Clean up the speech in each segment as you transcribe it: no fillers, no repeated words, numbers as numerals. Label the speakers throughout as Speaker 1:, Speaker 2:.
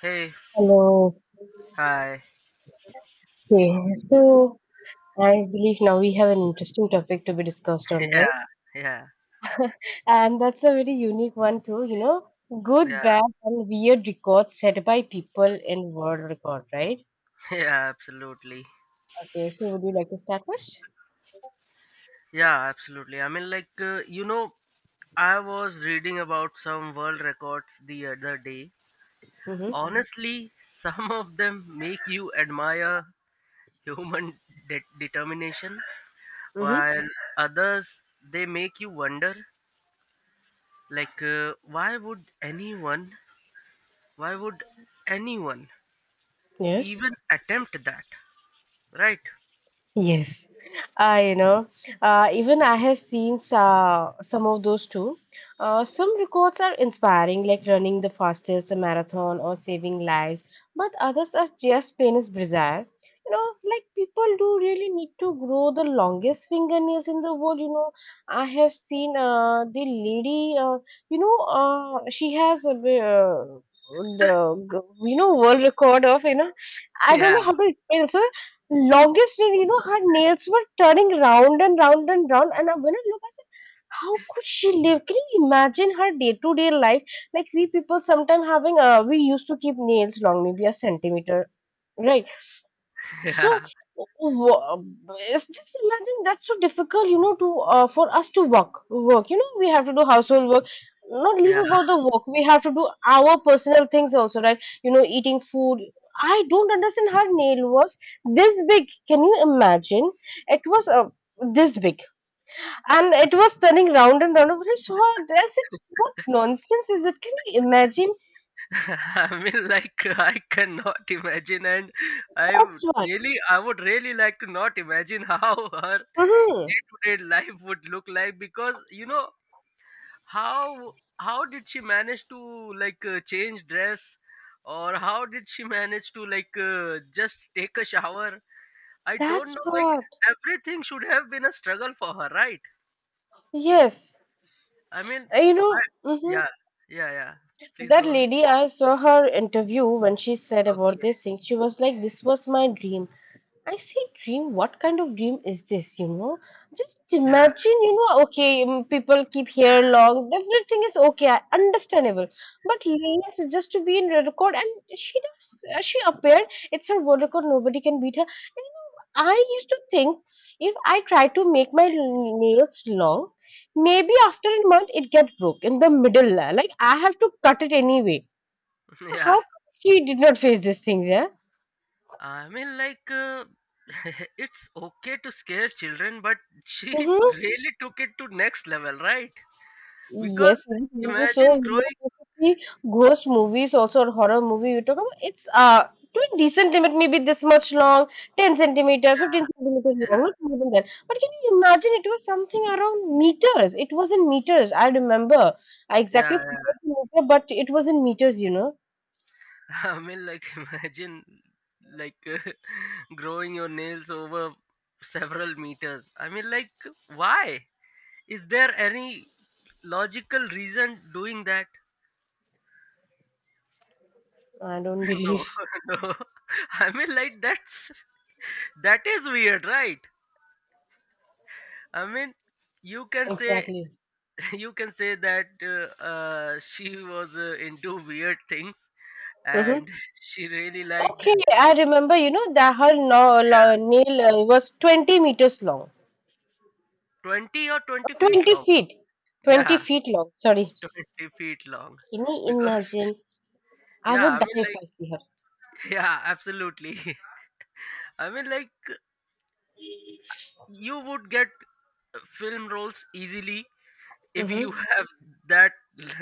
Speaker 1: Hey,
Speaker 2: Hello.
Speaker 1: hi.
Speaker 2: Okay, so I believe now we have an interesting topic to be discussed on, right?
Speaker 1: Yeah, yeah,
Speaker 2: And that's a very unique one too, you know, good,
Speaker 1: yeah,
Speaker 2: bad, and weird records set by people in world record, right?
Speaker 1: yeah, absolutely.
Speaker 2: Okay, so would you like to start first?
Speaker 1: Yeah, absolutely. I mean, like, I was reading about some world records the other day.
Speaker 2: Mm-hmm.
Speaker 1: Honestly, some of them make you admire human determination,
Speaker 2: Mm-hmm.
Speaker 1: while others they make you wonder, like, why would anyone
Speaker 2: Yes.
Speaker 1: even attempt that, right?
Speaker 2: Yes, you know, even I have seen some of those too. Some records are inspiring, like running the fastest marathon or saving lives, but others are just pain is bizarre. You know, like people do really need to grow the longest fingernails in the world. You know, I have seen the lady, you know, she the you know world record of you know I don't
Speaker 1: Yeah,
Speaker 2: know how to explain longest day, you know, her nails were turning round and round and round. When I look, I said, how could she live? Can you imagine her day-to-day life? Like we people sometimes having, we used to keep nails long, maybe a centimeter, right? So,
Speaker 1: yeah,
Speaker 2: w- it's just imagine that's so difficult, you know, to for us to work. Work, you know, we have to do household work. Not leave
Speaker 1: yeah.
Speaker 2: about the work. We have to do our personal things also, right? You know, eating food. I don't understand her nail was this big. Can you imagine? It was this big, and it was turning round and round. I saw it, I said, "What nonsense is it? Can you imagine?"
Speaker 1: I mean, like I cannot imagine, and
Speaker 2: That's what.
Speaker 1: I would really like to not imagine how her
Speaker 2: hmm
Speaker 1: day-to-day life would look like because how how did she manage to like change dress, or how did she manage to like just take a shower? I don't
Speaker 2: That's
Speaker 1: know. Like
Speaker 2: what.
Speaker 1: everything should have been a struggle for her, right?
Speaker 2: Yes.
Speaker 1: I mean,
Speaker 2: You
Speaker 1: I
Speaker 2: know. Mhm.
Speaker 1: yeah, yeah, yeah. Please
Speaker 2: That
Speaker 1: go ahead.
Speaker 2: lady, I saw her interview when she said about this
Speaker 1: Okay.
Speaker 2: thing. She was like, this was my dream. I say dream, what kind of dream is this? You know, just
Speaker 1: Yeah.
Speaker 2: imagine, you know, okay, people keep hair long, everything is okay, understandable. But Leela just to be in red record, and she does, she appeared, it's her world record, nobody can beat her. And, you know, I used to think if I try to make my nails long, maybe after a month it gets broke in the middle, like I have to cut it anyway. How
Speaker 1: Yeah.
Speaker 2: come she did not face these things, yeah?
Speaker 1: I mean, like, it's okay to scare children, but she
Speaker 2: Mm-hmm.
Speaker 1: really took it to next level, right?
Speaker 2: Yes,
Speaker 1: Because
Speaker 2: yes, movie. So,
Speaker 1: imagine
Speaker 2: you know,
Speaker 1: growing,
Speaker 2: basically, ghost movies also or horror movie you talk about. It's to a decent limit, maybe this much long, 10 centimeter, 15 centimeter long,
Speaker 1: yeah,
Speaker 2: not more than that. But can you imagine it was something around meters? It was in meters. I remember. I
Speaker 1: yeah,
Speaker 2: exactly forgot the meter, but it was in meters, you know.
Speaker 1: yeah. I mean, like, imagine, like, growing your nails over several meters. I mean, like, why? Is there any logical reason doing that?
Speaker 2: I don't
Speaker 1: No,
Speaker 2: believe.
Speaker 1: no. I mean, like, that is weird, right? I mean, you can say
Speaker 2: Exactly.
Speaker 1: you can say that she was into weird things
Speaker 2: hmm
Speaker 1: and she really liked.
Speaker 2: Okay, I remember, you know, that her no, no,
Speaker 1: Yeah,
Speaker 2: nail was 20 meters long.
Speaker 1: 20 or 20 feet
Speaker 2: 20
Speaker 1: long.
Speaker 2: feet. 20
Speaker 1: Yeah,
Speaker 2: feet long. Sorry.
Speaker 1: 20 feet long,
Speaker 2: Can you
Speaker 1: because
Speaker 2: imagine? I
Speaker 1: yeah,
Speaker 2: would
Speaker 1: I
Speaker 2: die
Speaker 1: mean,
Speaker 2: if
Speaker 1: like,
Speaker 2: I see her.
Speaker 1: yeah, absolutely. I mean, like, you would get film roles easily if you
Speaker 2: Mhm.
Speaker 1: have that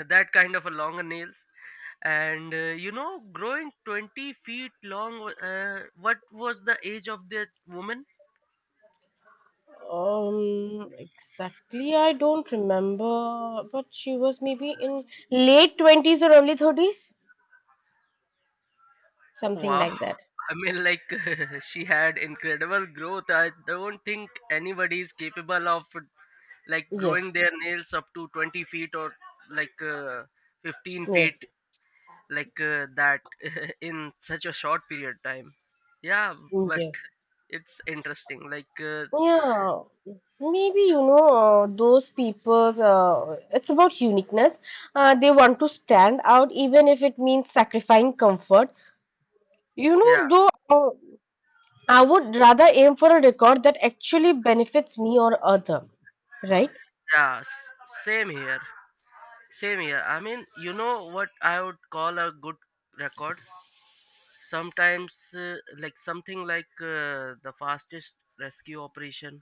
Speaker 1: that kind of a longer nails, and growing 20 feet long. What was the age of that woman?
Speaker 2: Exactly, I don't remember, but she was maybe in late 20s or early 30s. Something
Speaker 1: Wow.
Speaker 2: like that.
Speaker 1: I mean, like, she had incredible growth. I don't think anybody is capable of, like, growing
Speaker 2: Yes,
Speaker 1: their nails up to 20 feet or, like, 15 feet,
Speaker 2: yes,
Speaker 1: like, that in such a short period time. Yeah, but
Speaker 2: yes.
Speaker 1: it's interesting. Like,
Speaker 2: Yeah. Maybe you know those people's. It's about uniqueness. They want to stand out, even if it means sacrificing comfort. You
Speaker 1: yeah,
Speaker 2: know, though. Uh, I would rather aim for a record that actually benefits me or other, right?
Speaker 1: yeah, same here. Same here. I mean, you know what I would call a good record? Sometimes like something like the fastest rescue operation,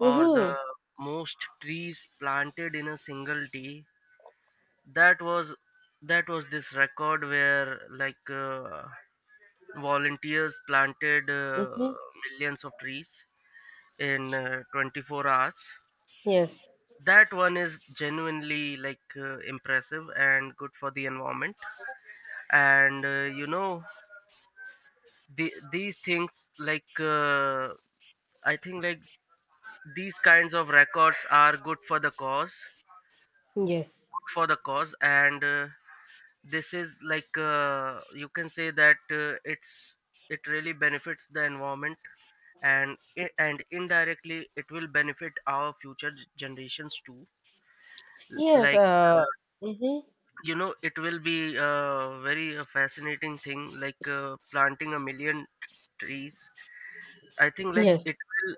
Speaker 1: or the
Speaker 2: Mm-hmm.
Speaker 1: most trees planted in a single day. That was this record where, like volunteers planted
Speaker 2: Mm-hmm.
Speaker 1: millions of trees in 24 hours.
Speaker 2: Yes,
Speaker 1: That one is genuinely like impressive and good for the environment. And these things, like I think like these kinds of records are good for the cause,
Speaker 2: yes,
Speaker 1: and this is like you can say that it really benefits the environment, and and indirectly it will benefit our future generations too.
Speaker 2: yes,
Speaker 1: Like uh,
Speaker 2: mm-hmm,
Speaker 1: it will be a very fascinating thing, like planting a million trees. I think like
Speaker 2: yes,
Speaker 1: it will.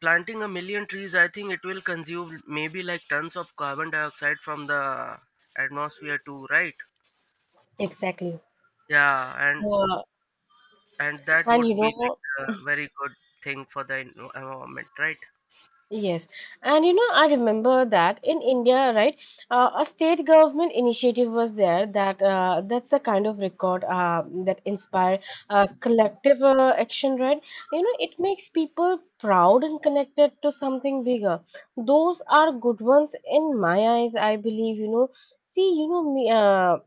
Speaker 1: Planting a million trees, I think it will consume maybe like tons of carbon dioxide from the atmosphere too, right?
Speaker 2: exactly.
Speaker 1: Yeah, and
Speaker 2: Uh,
Speaker 1: that
Speaker 2: and you
Speaker 1: would be
Speaker 2: know,
Speaker 1: like a very good thing for the environment, right?
Speaker 2: yes, and you know, I remember that in India, right, a state government initiative was there that that's the kind of record that inspire collective action, right? You know, it makes people proud and connected to something bigger. Those are good ones in my eyes, I believe. You know, see, you know me.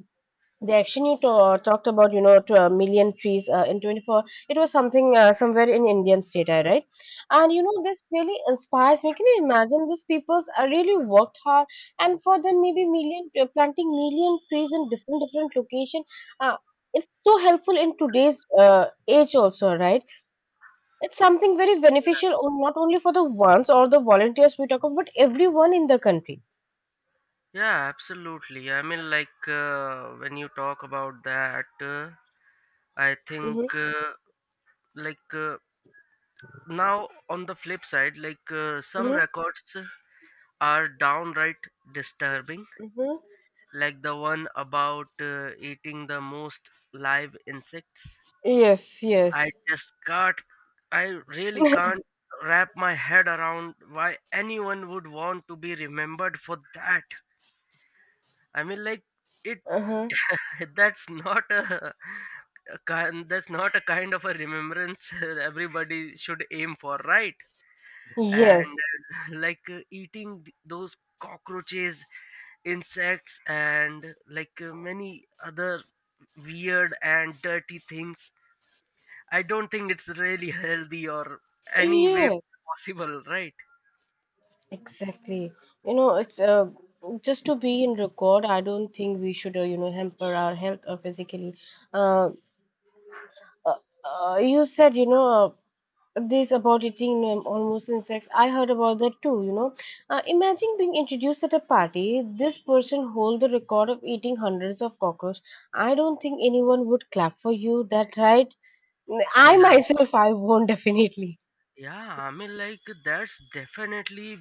Speaker 2: The action you ta talked about, you know, to a million trees in 24, it was something somewhere in Indian state, I right? And you know, this really inspires me. Can you imagine these peoples are really worked hard, and for them, maybe million planting million trees in different different location. Uh, it's so helpful in today's age also, right? It's something very beneficial, not only for the ones or the volunteers we talk about, but everyone in the country.
Speaker 1: Yeah, absolutely. I mean, like when you talk about that, I think
Speaker 2: Mm-hmm,
Speaker 1: like now on the flip side, like some
Speaker 2: mm-hmm,
Speaker 1: records are downright disturbing,
Speaker 2: mm-hmm.
Speaker 1: like the one about eating the most live insects.
Speaker 2: Yes,
Speaker 1: I
Speaker 2: yes.
Speaker 1: just can't, I really can't wrap my head around why anyone would want to be remembered for that. I mean, like, it.
Speaker 2: Uh-huh.
Speaker 1: that's not a, that's not a kind of a remembrance everybody should aim for, right? And
Speaker 2: Yes.
Speaker 1: like eating those cockroaches, insects, and like many other weird and dirty things. I don't think it's really healthy or any way
Speaker 2: Yeah,
Speaker 1: possible, right?
Speaker 2: exactly. You know, it's just to be in record. I don't think we should, you know, hamper our health or physically. Uh, uh, you said, you know, this about eating almost insects. I heard about that too. You know, imagine being introduced at a party. This person hold the record of eating hundreds of cockroaches. I don't think anyone would clap for you. That right?
Speaker 1: Yeah,
Speaker 2: I myself, I won't definitely.
Speaker 1: yeah, I mean like, that's definitely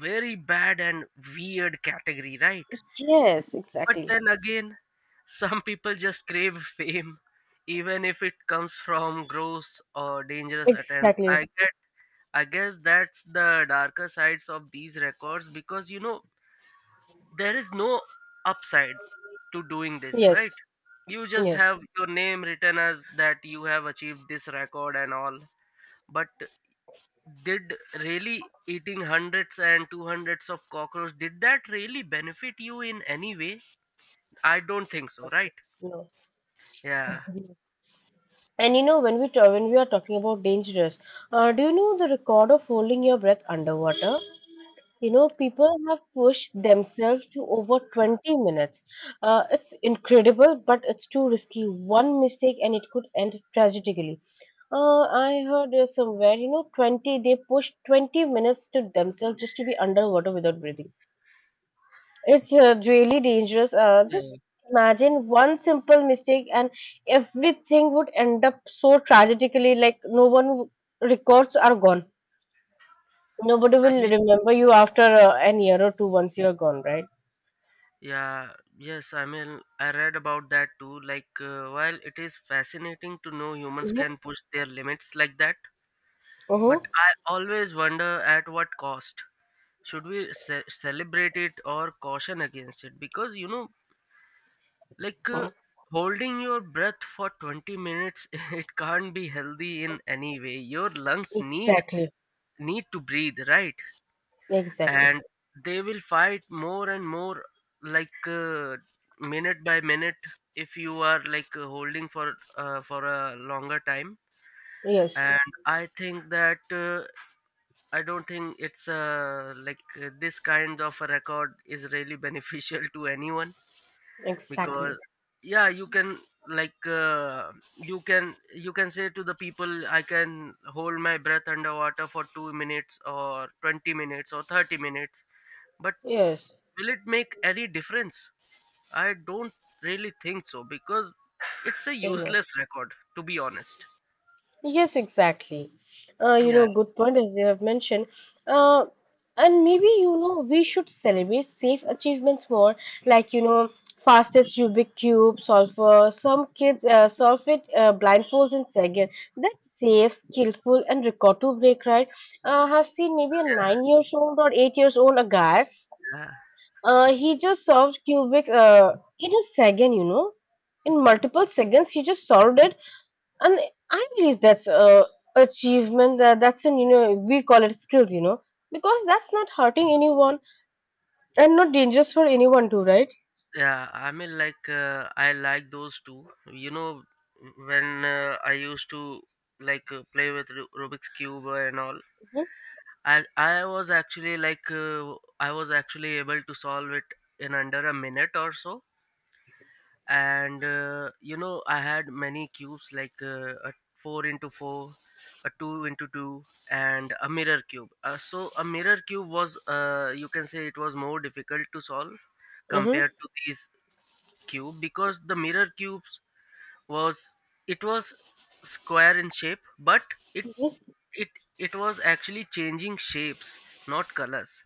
Speaker 1: very bad and weird category, right?
Speaker 2: Yes,
Speaker 1: But
Speaker 2: exactly.
Speaker 1: then again, some people just crave fame, even if it comes from gross or dangerous attempts, I
Speaker 2: Exactly.
Speaker 1: get. I guess that's the darker sides of these records, because there is no upside to doing this, right?
Speaker 2: Yes.
Speaker 1: You just
Speaker 2: Yes,
Speaker 1: have your name written as that you have achieved this record and all. But did really eating hundreds and two hundreds of cockroach did that really benefit you in any way? I don't think so, right?
Speaker 2: no.
Speaker 1: Yeah.
Speaker 2: And you know, when we when we are talking about dangerous, do you know the record of holding your breath underwater? You know, people have pushed themselves to over 20 minutes. It's incredible, but it's too risky. One mistake and it could end tragically. I heard somewhere, you know, 20, they pushed 20 minutes to themselves just to be underwater without breathing. It's really dangerous. Just
Speaker 1: Yeah.
Speaker 2: imagine one simple mistake and everything would end up so tragically, like no one records are gone. Nobody
Speaker 1: I
Speaker 2: will
Speaker 1: mean.
Speaker 2: remember you after an year or two once you are gone, right?
Speaker 1: Yeah, yes, I mean, I read about that too. Like, while it is fascinating to know humans
Speaker 2: Mm-hmm.
Speaker 1: can push their limits like that, but
Speaker 2: Mm-hmm.
Speaker 1: I always wonder at what cost. Should we celebrate it or caution against it? Because, like holding your breath for 20 minutes, it can't be healthy in any way. Your lungs
Speaker 2: Exactly.
Speaker 1: need to breathe, right?
Speaker 2: Exactly.
Speaker 1: And they will fight more and more, like minute by minute, if you are like holding for a longer time.
Speaker 2: Yes.
Speaker 1: And I don't think it's like this kind of a record is really beneficial to anyone. Because
Speaker 2: Exactly.
Speaker 1: yeah, you can like you can say to the people, I can hold my breath underwater for 2 minutes or 20 minutes or 30 minutes, but
Speaker 2: Yes.
Speaker 1: will it make any difference? I don't really think so, because it's a
Speaker 2: Same.
Speaker 1: useless record, to be honest.
Speaker 2: Yes, exactly. You know,
Speaker 1: Yeah,
Speaker 2: good point as you have mentioned. Uh, and maybe, you know, we should celebrate safe achievements more, like, you know, fastest Rubik cube solver. Some kids solve it blindfolds in second. That's safe, skillful, and record to break, right? I have seen maybe a
Speaker 1: yeah,
Speaker 2: 9 years old or 8 years old a guy.
Speaker 1: yeah.
Speaker 2: He just solved cubics in a second, you know. In multiple seconds, he just solved it and I believe that's a achievement that's an you know we call it skills you know because that's not hurting anyone and not dangerous for anyone too right.
Speaker 1: Yeah, I mean, like, I like those two. You know, when I used to like play with Rubik's Cube and all,
Speaker 2: Mm-hmm.
Speaker 1: I I was actually like, uh, I was actually able to solve it in under a minute or so. And I had many cubes, like a 4 into 4, a 2 into 2, and a mirror cube. So a mirror cube was, you can say, it was more difficult to solve
Speaker 2: Mm-hmm.
Speaker 1: compared to these cube, because the mirror cubes was it was square in shape, but it
Speaker 2: Mm-hmm.
Speaker 1: it it was actually changing shapes, not colors.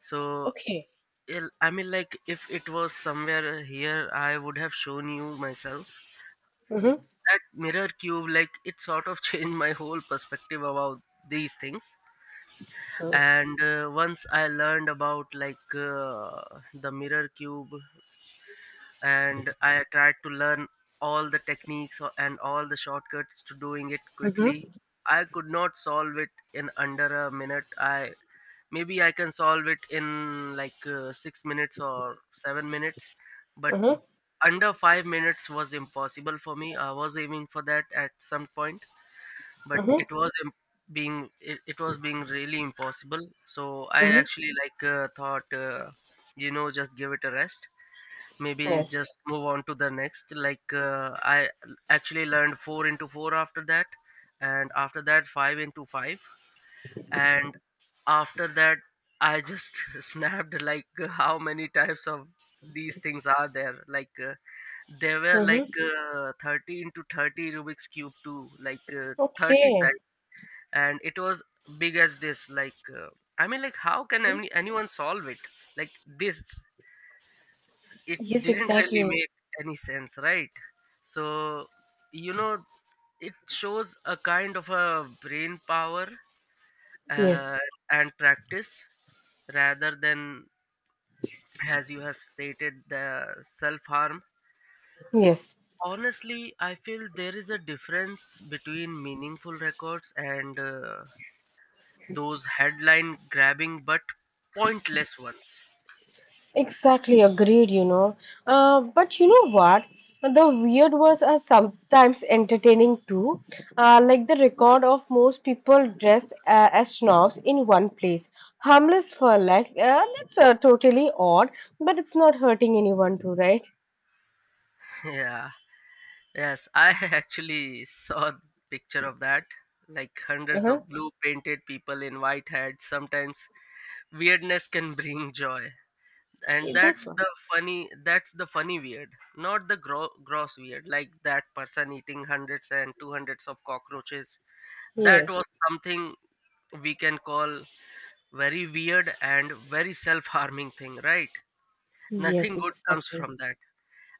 Speaker 1: So
Speaker 2: Okay.
Speaker 1: I mean, like, if it was somewhere here, I would have shown you myself. Like,
Speaker 2: Mm-hmm.
Speaker 1: that mirror cube, like it sort of changed my whole perspective about these things.
Speaker 2: Mm-hmm.
Speaker 1: And once I learned about, like the mirror cube, and I tried to learn all the techniques and all the shortcuts to doing it quickly,
Speaker 2: Mm-hmm.
Speaker 1: I could not solve it in under a minute. I maybe I can solve it in like 6 minutes or 7 minutes, but under 5 minutes was impossible for me. I was aiming for that at some point, but
Speaker 2: Mm-hmm.
Speaker 1: it was being, it was being really impossible. So I
Speaker 2: Mm-hmm.
Speaker 1: actually like thought, just give it a rest. Maybe
Speaker 2: Yes.
Speaker 1: just move on to the next. Like I actually learned four into four after that, and after that five into five, and after that I just snapped, like how many types of these things are there like. There were, like
Speaker 2: Mm-hmm.
Speaker 1: 30 into 30 Rubik's Cube too, like 30
Speaker 2: Okay.
Speaker 1: size, and it was big as this. Like, I mean, like, how can
Speaker 2: Mhm.
Speaker 1: anyone solve it? Like, this, it
Speaker 2: Yes,
Speaker 1: didn't really
Speaker 2: exactly.
Speaker 1: make any sense, right? So, you know, it shows a kind of a brain power
Speaker 2: Yes,
Speaker 1: uh, and practice rather than, as you have stated, the self harm.
Speaker 2: yes.
Speaker 1: Honestly, I feel there is a difference between meaningful records and those headline grabbing but pointless ones.
Speaker 2: Exactly agreed, you know. But you know what? The weird ones are sometimes entertaining too. Like the record of most people dressed as snobs in one place. Harmless for like, that's totally odd, but it's not hurting anyone too, right?
Speaker 1: Yeah, yes, I actually saw the picture of that. Like hundreds
Speaker 2: Uh-huh.
Speaker 1: of blue painted people in white hats. Sometimes weirdness can bring joy. And
Speaker 2: That's what.
Speaker 1: that's the funny weird, not the gross weird, like that person eating hundreds and two hundreds of cockroaches. That
Speaker 2: Yes.
Speaker 1: was something we can call very weird and very self-harming thing, right?
Speaker 2: Yes,
Speaker 1: Nothing good comes
Speaker 2: exactly.
Speaker 1: from that.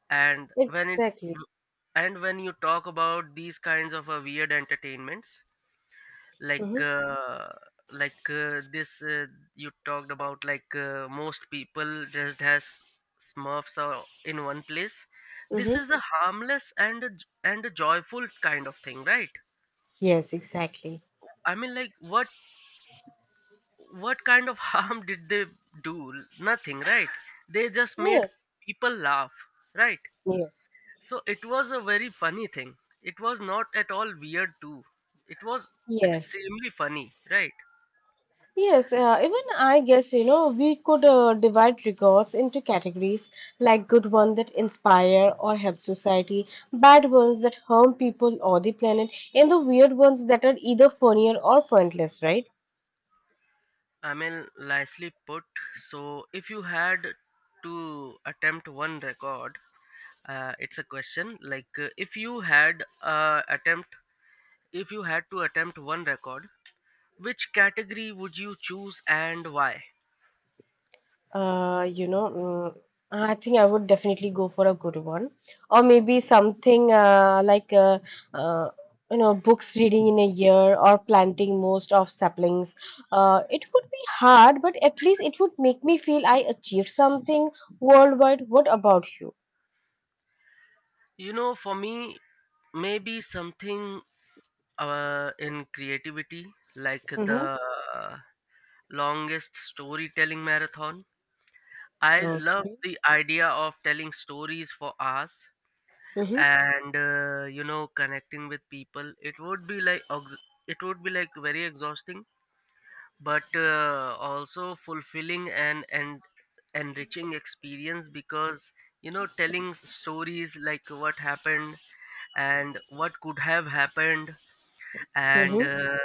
Speaker 1: and when it
Speaker 2: Exactly.
Speaker 1: and when you talk about these kinds of weird entertainments,
Speaker 2: Mm-hmm.
Speaker 1: like this, you talked about, like most people dressed as smurfs are in one place. This
Speaker 2: Mm-hmm.
Speaker 1: is a harmless and a joyful kind of thing, right?
Speaker 2: Yes, exactly.
Speaker 1: I mean, like, what kind of harm did they do? Nothing, right? They just made
Speaker 2: Yes.
Speaker 1: people laugh, right?
Speaker 2: Yes.
Speaker 1: So it was a very funny thing, it was not at all weird too, it was
Speaker 2: Yes.
Speaker 1: extremely funny, right?
Speaker 2: Yes, even I guess, you know, we could divide regards into categories like good ones that inspire or help society, bad ones that harm people or the planet, and the weird ones that are either funnier or pointless, right?
Speaker 1: I mean, nicely put. So, if you had to attempt one record, it's a question like, if you had to attempt one record, which category would you choose and why?
Speaker 2: You know, I think I would definitely go for a good one, or maybe something like uh, you know, books reading in a year or planting most of saplings. It would be hard, but at least it would make me feel I achieved something worldwide. What about you?
Speaker 1: You know, for me, maybe something in creativity, like
Speaker 2: Mm-hmm.
Speaker 1: the uh, longest storytelling marathon. I love
Speaker 2: Okay.
Speaker 1: the idea of telling stories for hours
Speaker 2: Mm-hmm.
Speaker 1: and connecting with people. It would be like very exhausting, but also fulfilling, and enriching experience, because telling stories like what happened and what could have happened, and
Speaker 2: Mm-hmm.
Speaker 1: uh,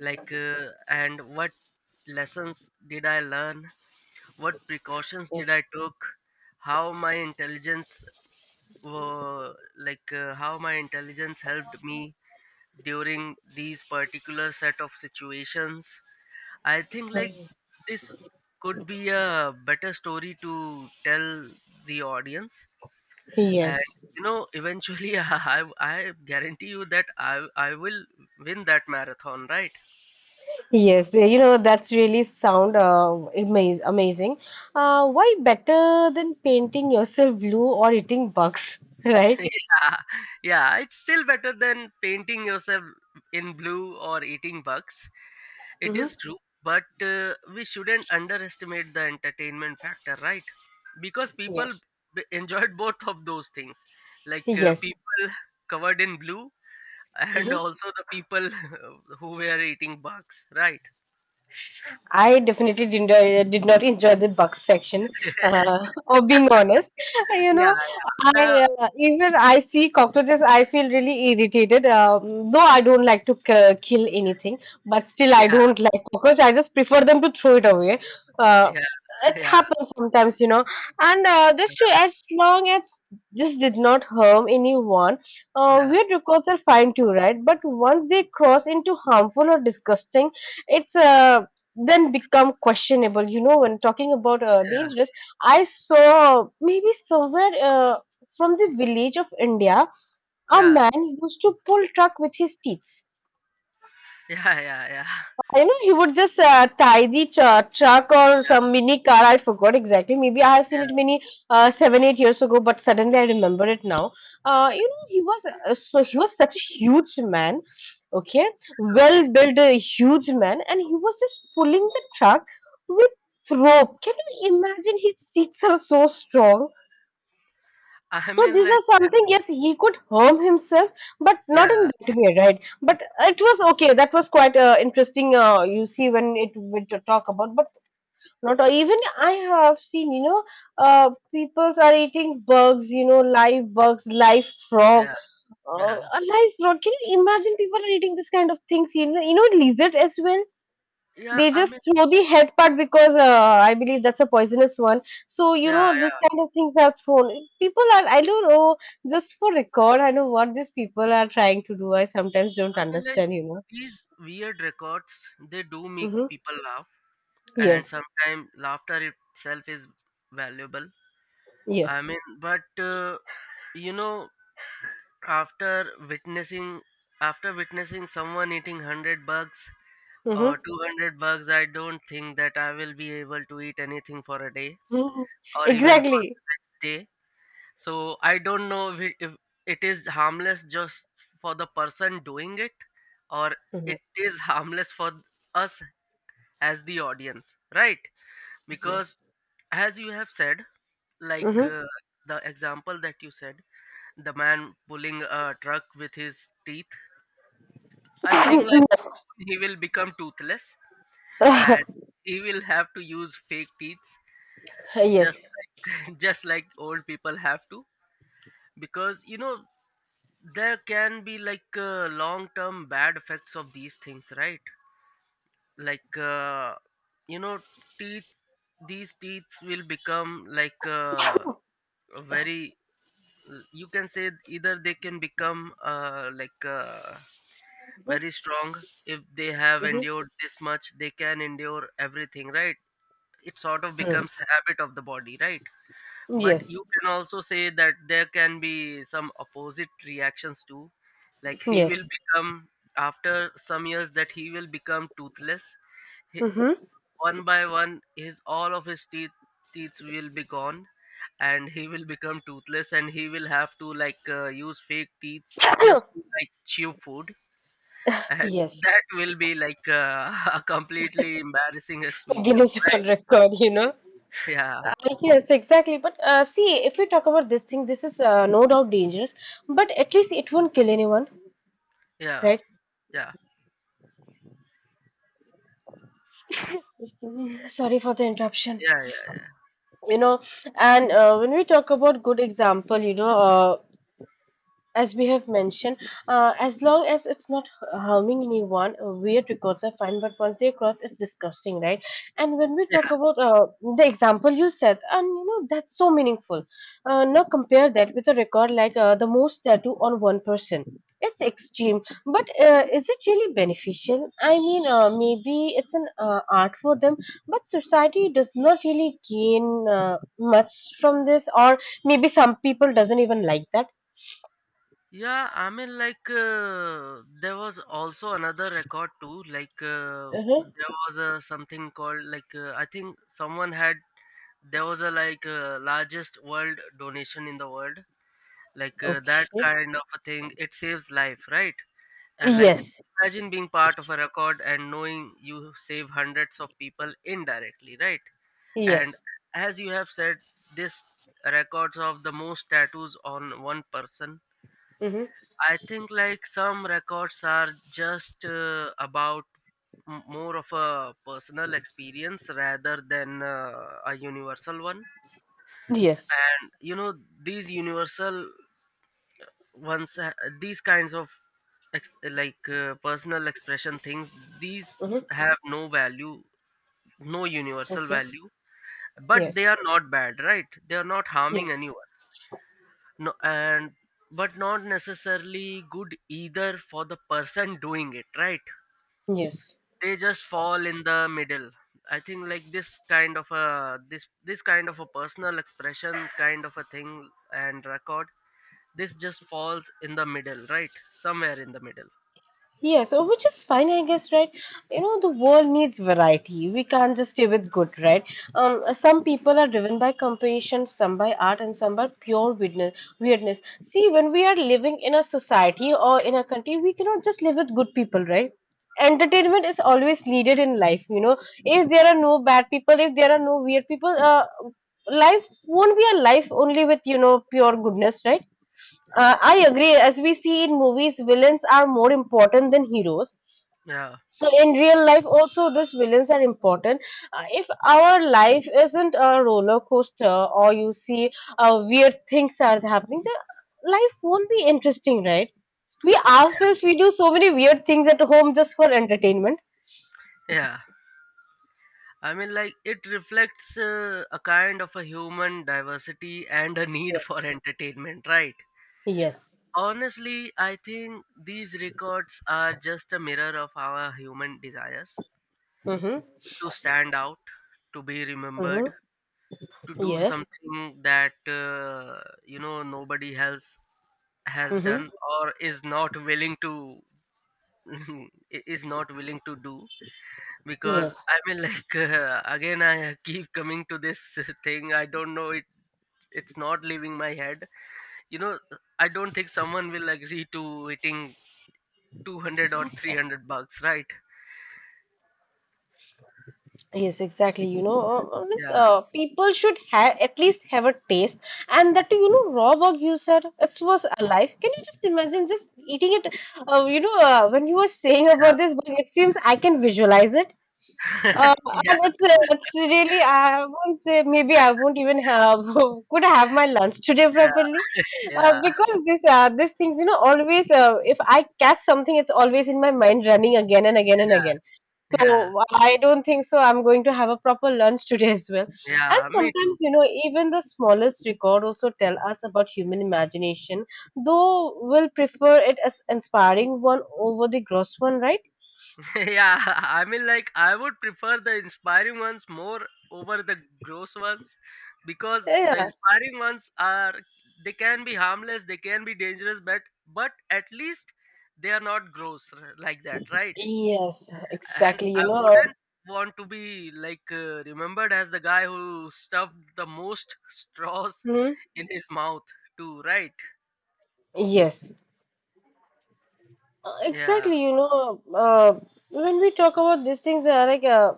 Speaker 1: and what lessons did I learn, what precautions did
Speaker 2: Yes.
Speaker 1: I took, how my intelligence how my intelligence helped me during these particular set of situations. I think like
Speaker 2: Mm.
Speaker 1: this could be a better story to tell the audience. And
Speaker 2: Yes.
Speaker 1: eventually I guarantee you that I will win that marathon, right?
Speaker 2: Yes, you know, that's really sound amazing. Why better than painting yourself blue or eating bugs, right?
Speaker 1: Yeah, yeah, it's still better than painting yourself in blue or eating bugs. It is
Speaker 2: hmm
Speaker 1: true, but we shouldn't underestimate the entertainment factor, right? Because people
Speaker 2: Yes.
Speaker 1: enjoyed both of those things, like,
Speaker 2: Yes.
Speaker 1: people covered in blue and also the people who were eating bugs, right?
Speaker 2: I definitely did not, did not enjoy the bugs section. Or being honest, you
Speaker 1: Yeah,
Speaker 2: know,
Speaker 1: yeah, the,
Speaker 2: I even I see cockroaches, I feel really irritated. Though I don't like to kill anything, but still I
Speaker 1: yeah,
Speaker 2: don't like cockroach. I just prefer them to throw it away. Uh,
Speaker 1: yeah,
Speaker 2: it
Speaker 1: yeah,
Speaker 2: happens sometimes, you know, and this too. As long as this did not harm anyone,
Speaker 1: yeah,
Speaker 2: weird records are fine too, right? But once they cross into harmful or disgusting it's then become questionable. You know, when talking about
Speaker 1: yeah,
Speaker 2: dangerous, I saw maybe somewhere from the village of India,
Speaker 1: yeah,
Speaker 2: a
Speaker 1: yeah,
Speaker 2: man used to pull truck with his teeth.
Speaker 1: yeah, yeah, yeah,
Speaker 2: You know he would just tie the truck or
Speaker 1: yeah.
Speaker 2: some mini car. I forgot exactly. Maybe I have seen it
Speaker 1: Yeah.
Speaker 2: many seven, 8 years ago, but suddenly I remember it now. You know, he was so he was such a huge man, okay, well
Speaker 1: Okay,
Speaker 2: built, a huge man, and he was just pulling the truck with rope. Can you imagine? His seats are so strong
Speaker 1: I
Speaker 2: so
Speaker 1: mean,
Speaker 2: these are
Speaker 1: like,
Speaker 2: something, yes, he could harm himself, but not in
Speaker 1: yeah,
Speaker 2: that way, right? But it was okay. That was quite interesting. You see, when it went to talk about, but not even I have seen, you know, people are eating bugs, you know, live bugs, live frog,
Speaker 1: yeah,
Speaker 2: uh,
Speaker 1: yeah,
Speaker 2: a live frog. Can you imagine people are eating this kind of things? You know, lizard as well.
Speaker 1: yeah.
Speaker 2: They
Speaker 1: I
Speaker 2: just
Speaker 1: mean,
Speaker 2: throw the head part because I believe that's a poisonous one. So, you
Speaker 1: yeah,
Speaker 2: know, this
Speaker 1: yeah.
Speaker 2: kind of things are thrown. People are, I don't know, just for record, I know what these people are trying to do. I sometimes don't
Speaker 1: And like
Speaker 2: understand, you know.
Speaker 1: these weird records, they do make
Speaker 2: Mm-hmm.
Speaker 1: people laugh, and
Speaker 2: Yes,
Speaker 1: sometimes laughter itself is valuable. I
Speaker 2: yes.
Speaker 1: mean, but you know, after witnessing after witnessing someone eating 100 bugs or
Speaker 2: Mm-hmm.
Speaker 1: 200 bugs, I don't think that I will be able to eat anything for a day
Speaker 2: hmm
Speaker 1: or even for
Speaker 2: Exactly.
Speaker 1: the next day. So I don't know if if it is harmless just for the person doing it, or
Speaker 2: hmm
Speaker 1: it is harmless for us as the audience, right? Because
Speaker 2: Yes.
Speaker 1: as you have said, like
Speaker 2: Mm-hmm.
Speaker 1: uh, the example that you said, the man pulling a truck with his teeth, I think like he will become toothless, and he will have to use fake teeth
Speaker 2: yes.
Speaker 1: just like, just like old people have to. Because there can be like, long term bad effects of these things, right? Like, you know teeth these teeth will become like, a very, you can say, either they can become,
Speaker 2: Mm-hmm.
Speaker 1: very strong. If they have
Speaker 2: Mm-hmm.
Speaker 1: endured this much, they can endure everything, right? It sort of becomes a habit of the body, right? But
Speaker 2: Yes.
Speaker 1: you can also say that there can be some opposite reactions too, like he will
Speaker 2: Yes.
Speaker 1: become, after some years, that he will become toothless,
Speaker 2: Mm-hmm.
Speaker 1: one by one, his all of his teeth will be gone, and he will become toothless, and he will have to, like, use fake teeth just to like chew food, and
Speaker 2: yes.
Speaker 1: that will be like, a completely embarrassing
Speaker 2: Guinness
Speaker 1: experience,
Speaker 2: World
Speaker 1: right?
Speaker 2: Record, you know.
Speaker 1: Yeah,
Speaker 2: Yes, exactly. But see, if we talk about this thing, this is no doubt dangerous, but at least it won't kill anyone,
Speaker 1: yeah,
Speaker 2: right?
Speaker 1: yeah.
Speaker 2: Mhm. Sorry for the interruption.
Speaker 1: Yeah, yeah,
Speaker 2: You know, and when we talk about good example, you know, as we have mentioned, as long as it's not harming anyone, weird records are fine. But once they cross, it's disgusting, right? And when we
Speaker 1: yeah.
Speaker 2: talk about the example you said, and you know that's so meaningful. Now compare that with a record like the most tattoo on one person. It's extreme, but is it really beneficial? I mean, maybe it's an art for them, but society does not really gain much from this, or maybe some people doesn't even like that.
Speaker 1: Yeah, I mean, like, there was also another record too. Like,
Speaker 2: Uh-huh.
Speaker 1: there was something called, like, I think someone had, there was a like, largest world donation in the world, like, that
Speaker 2: Okay.
Speaker 1: kind of a thing, it saves life, right? And like,
Speaker 2: Yes,
Speaker 1: imagine being part of a record and knowing you save hundreds of people indirectly, right? And
Speaker 2: yes.
Speaker 1: as you have said, this records of the most tattoos on one person,
Speaker 2: Mm-hmm.
Speaker 1: I think like some records are just about more of a personal experience rather than a universal one.
Speaker 2: Yes.
Speaker 1: And these universal ones, these kinds of personal expression things, these
Speaker 2: Mm-hmm.
Speaker 1: have no value, no universal
Speaker 2: Okay.
Speaker 1: value, but they
Speaker 2: Yes.
Speaker 1: are not bad, right? They are not harming
Speaker 2: Yes.
Speaker 1: anyone. No. And but not necessarily good either for the person doing it, right?
Speaker 2: Yes.
Speaker 1: They just fall in the middle. I think like this kind of a, this kind of a personal expression kind of a thing and record, this just falls in the middle, right, somewhere in the middle.
Speaker 2: Yeah, so which is fine, I guess, right? You know, the world needs variety. We can't just stay with good, right? Some people are driven by competition, some by art, and some by pure weirdness. Weirdness. See, when we are living in a society or in a country, we cannot just live with good people, right? Entertainment is always needed in life. You know, if there are no bad people, if there are no weird people, life won't be a life only with you know pure goodness, right? I agree. As we see in movies, villains are more important than heroes.
Speaker 1: Yeah.
Speaker 2: So in real life, also these villains are important. If our life isn't a roller coaster, or you see weird things are happening, the life won't be interesting, right? We
Speaker 1: Yeah,
Speaker 2: ourselves we do so many weird things at home just for entertainment.
Speaker 1: yeah. I mean like it reflects, a kind of a human diversity and a need
Speaker 2: Yes.
Speaker 1: for entertainment, right?
Speaker 2: Yes.
Speaker 1: Honestly, I think these records are just a mirror of our human desires,
Speaker 2: Mm-hmm.
Speaker 1: to stand out, to be remembered,
Speaker 2: Mm-hmm.
Speaker 1: to do
Speaker 2: Yes.
Speaker 1: something that nobody else has
Speaker 2: Mm-hmm.
Speaker 1: done or is not willing to, is not willing to do. Because
Speaker 2: Yes.
Speaker 1: I mean like again I keep coming to this thing, I don't know, it, it's not leaving my head. You know, I don't think someone will agree to eating 200 or 300 bucks, right?
Speaker 2: Yes, exactly. You know, means,
Speaker 1: Yeah,
Speaker 2: people should have at least have a taste, and that you know, raw work you said it was alive. Can you just imagine just eating it? You know, when you were saying
Speaker 1: yeah.
Speaker 2: about this, but it seems I can visualize it. Uh, and
Speaker 1: Yeah,
Speaker 2: it's really I won't say maybe I won't even have could have my lunch today
Speaker 1: yeah,
Speaker 2: properly,
Speaker 1: yeah,
Speaker 2: because this these things you know always, if I catch something it's always in my mind running again and again and
Speaker 1: yeah,
Speaker 2: again.
Speaker 1: yeah,
Speaker 2: So I don't think so I'm going to have a proper lunch today as well. And
Speaker 1: yeah, me too.
Speaker 2: sometimes you know even the smallest record also tell us about human imagination, though we'll prefer it as inspiring one over the gross one, right?
Speaker 1: Yeah, I mean, like, I would prefer the inspiring ones more over the gross ones, because the
Speaker 2: Yeah.
Speaker 1: inspiring ones are they can be harmless, they can be dangerous, but at least they are not gross, like that, right?
Speaker 2: Yes,
Speaker 1: And
Speaker 2: exactly. You
Speaker 1: I
Speaker 2: know,
Speaker 1: wouldn't want to be like, remembered as the guy who stuffed the most straws
Speaker 2: hmm
Speaker 1: in his mouth, too, right?
Speaker 2: yes,
Speaker 1: Yeah,
Speaker 2: exactly. You know, when we talk about these things,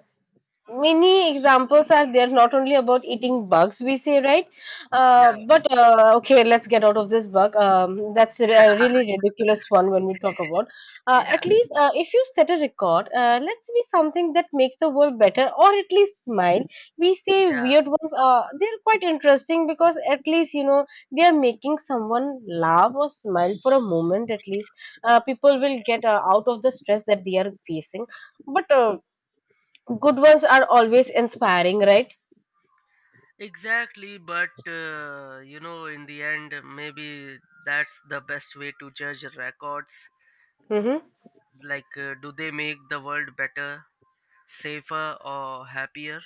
Speaker 2: many examples are there, not only about eating bugs we say, right?
Speaker 1: yeah,
Speaker 2: But Okay, let's get out of this bug. That's a really ridiculous one. When we talk about, at
Speaker 1: yeah,
Speaker 2: least, if you set a record, let's be something that makes the world better or at least smile. We say
Speaker 1: yeah.
Speaker 2: weird ones, they're quite interesting because at least you know they are making someone laugh or smile for a moment at least. People will get out of the stress that they are facing. But Good ones are always inspiring, right?
Speaker 1: Exactly, but in the end, maybe that's the best way to judge records.
Speaker 2: Mm-hmm.
Speaker 1: Like, do they make the world better, safer, or happier?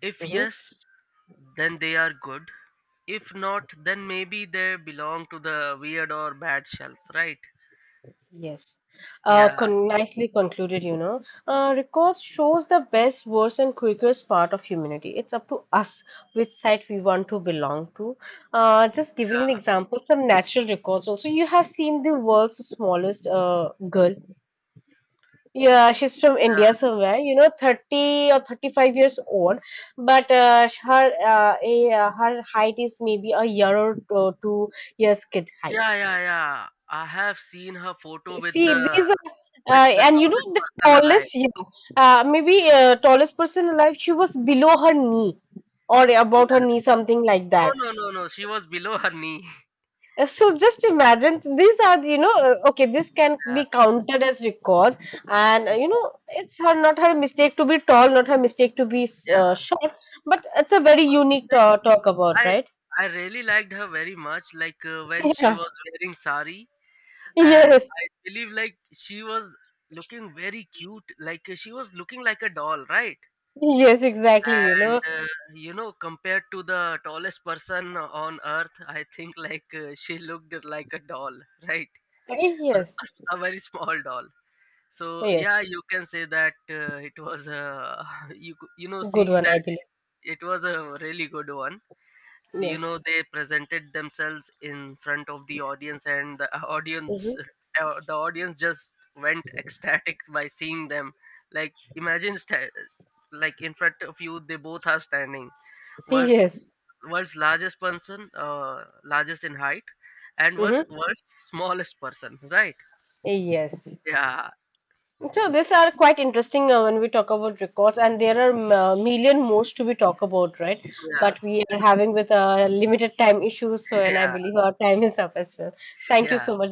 Speaker 1: If
Speaker 2: Mm-hmm.
Speaker 1: yes, then they are good. If not, then maybe they belong to the weird or bad shelf, right?
Speaker 2: Yes.
Speaker 1: Yeah,
Speaker 2: Con nicely concluded, you know. Records shows the best, worst, and quickest part of humanity. It's up to us which side we want to belong to. Just giving an
Speaker 1: yeah,
Speaker 2: example, some natural records also. You have seen the world's smallest girl. Yeah, she's from India somewhere, you know, 30 or 35 years old, but her her height is maybe a year or two, years kid height.
Speaker 1: yeah, yeah, yeah. Yeah. I have seen her photo with
Speaker 2: See,
Speaker 1: the
Speaker 2: these are, and you know,
Speaker 1: tallest
Speaker 2: the
Speaker 1: person alive.
Speaker 2: tallest, yeah, maybe tallest person alive, she was below her knee or
Speaker 1: Yeah.
Speaker 2: about her knee, something like
Speaker 1: No,
Speaker 2: that.
Speaker 1: no, no, no. She was below her knee.
Speaker 2: So just imagine these are you know, okay, this can
Speaker 1: Yeah,
Speaker 2: be counted as records, and
Speaker 1: yeah,
Speaker 2: you know it's her not her mistake to be tall, not her mistake to be
Speaker 1: yeah.
Speaker 2: short, but it's a very unique
Speaker 1: Like,
Speaker 2: talk about,
Speaker 1: I
Speaker 2: right?
Speaker 1: I really liked her very much. Like, when she
Speaker 2: Yeah.
Speaker 1: was wearing sari, and
Speaker 2: Yes.
Speaker 1: I believe like she was looking very cute. Like, she was looking like a doll, right?
Speaker 2: Yes, exactly, you know.
Speaker 1: And uh, compared to the tallest person on earth, I think, like, she looked like a doll, right?
Speaker 2: Yes.
Speaker 1: A very small doll. So yeah,
Speaker 2: Yes,
Speaker 1: you can say that it was,
Speaker 2: good
Speaker 1: seeing
Speaker 2: one, I
Speaker 1: that,
Speaker 2: believe.
Speaker 1: it was a really good one. You
Speaker 2: Yes.
Speaker 1: know, they presented themselves in front of the audience, and the audience,
Speaker 2: Hmm.
Speaker 1: the audience just went ecstatic by seeing them. Like, imagine like in front of you they both are standing, world's
Speaker 2: Yes.
Speaker 1: world's largest person, largest in height, and
Speaker 2: Hmm.
Speaker 1: world's smallest person, right?
Speaker 2: Yes.
Speaker 1: Yeah,
Speaker 2: So these are quite interesting when we talk about records, and there are million more to be talk about, right?
Speaker 1: yeah.
Speaker 2: But we are having with a limited time issues, so, and I
Speaker 1: Yeah,
Speaker 2: believe our time is up as well. Thank you so
Speaker 1: yeah.
Speaker 2: much.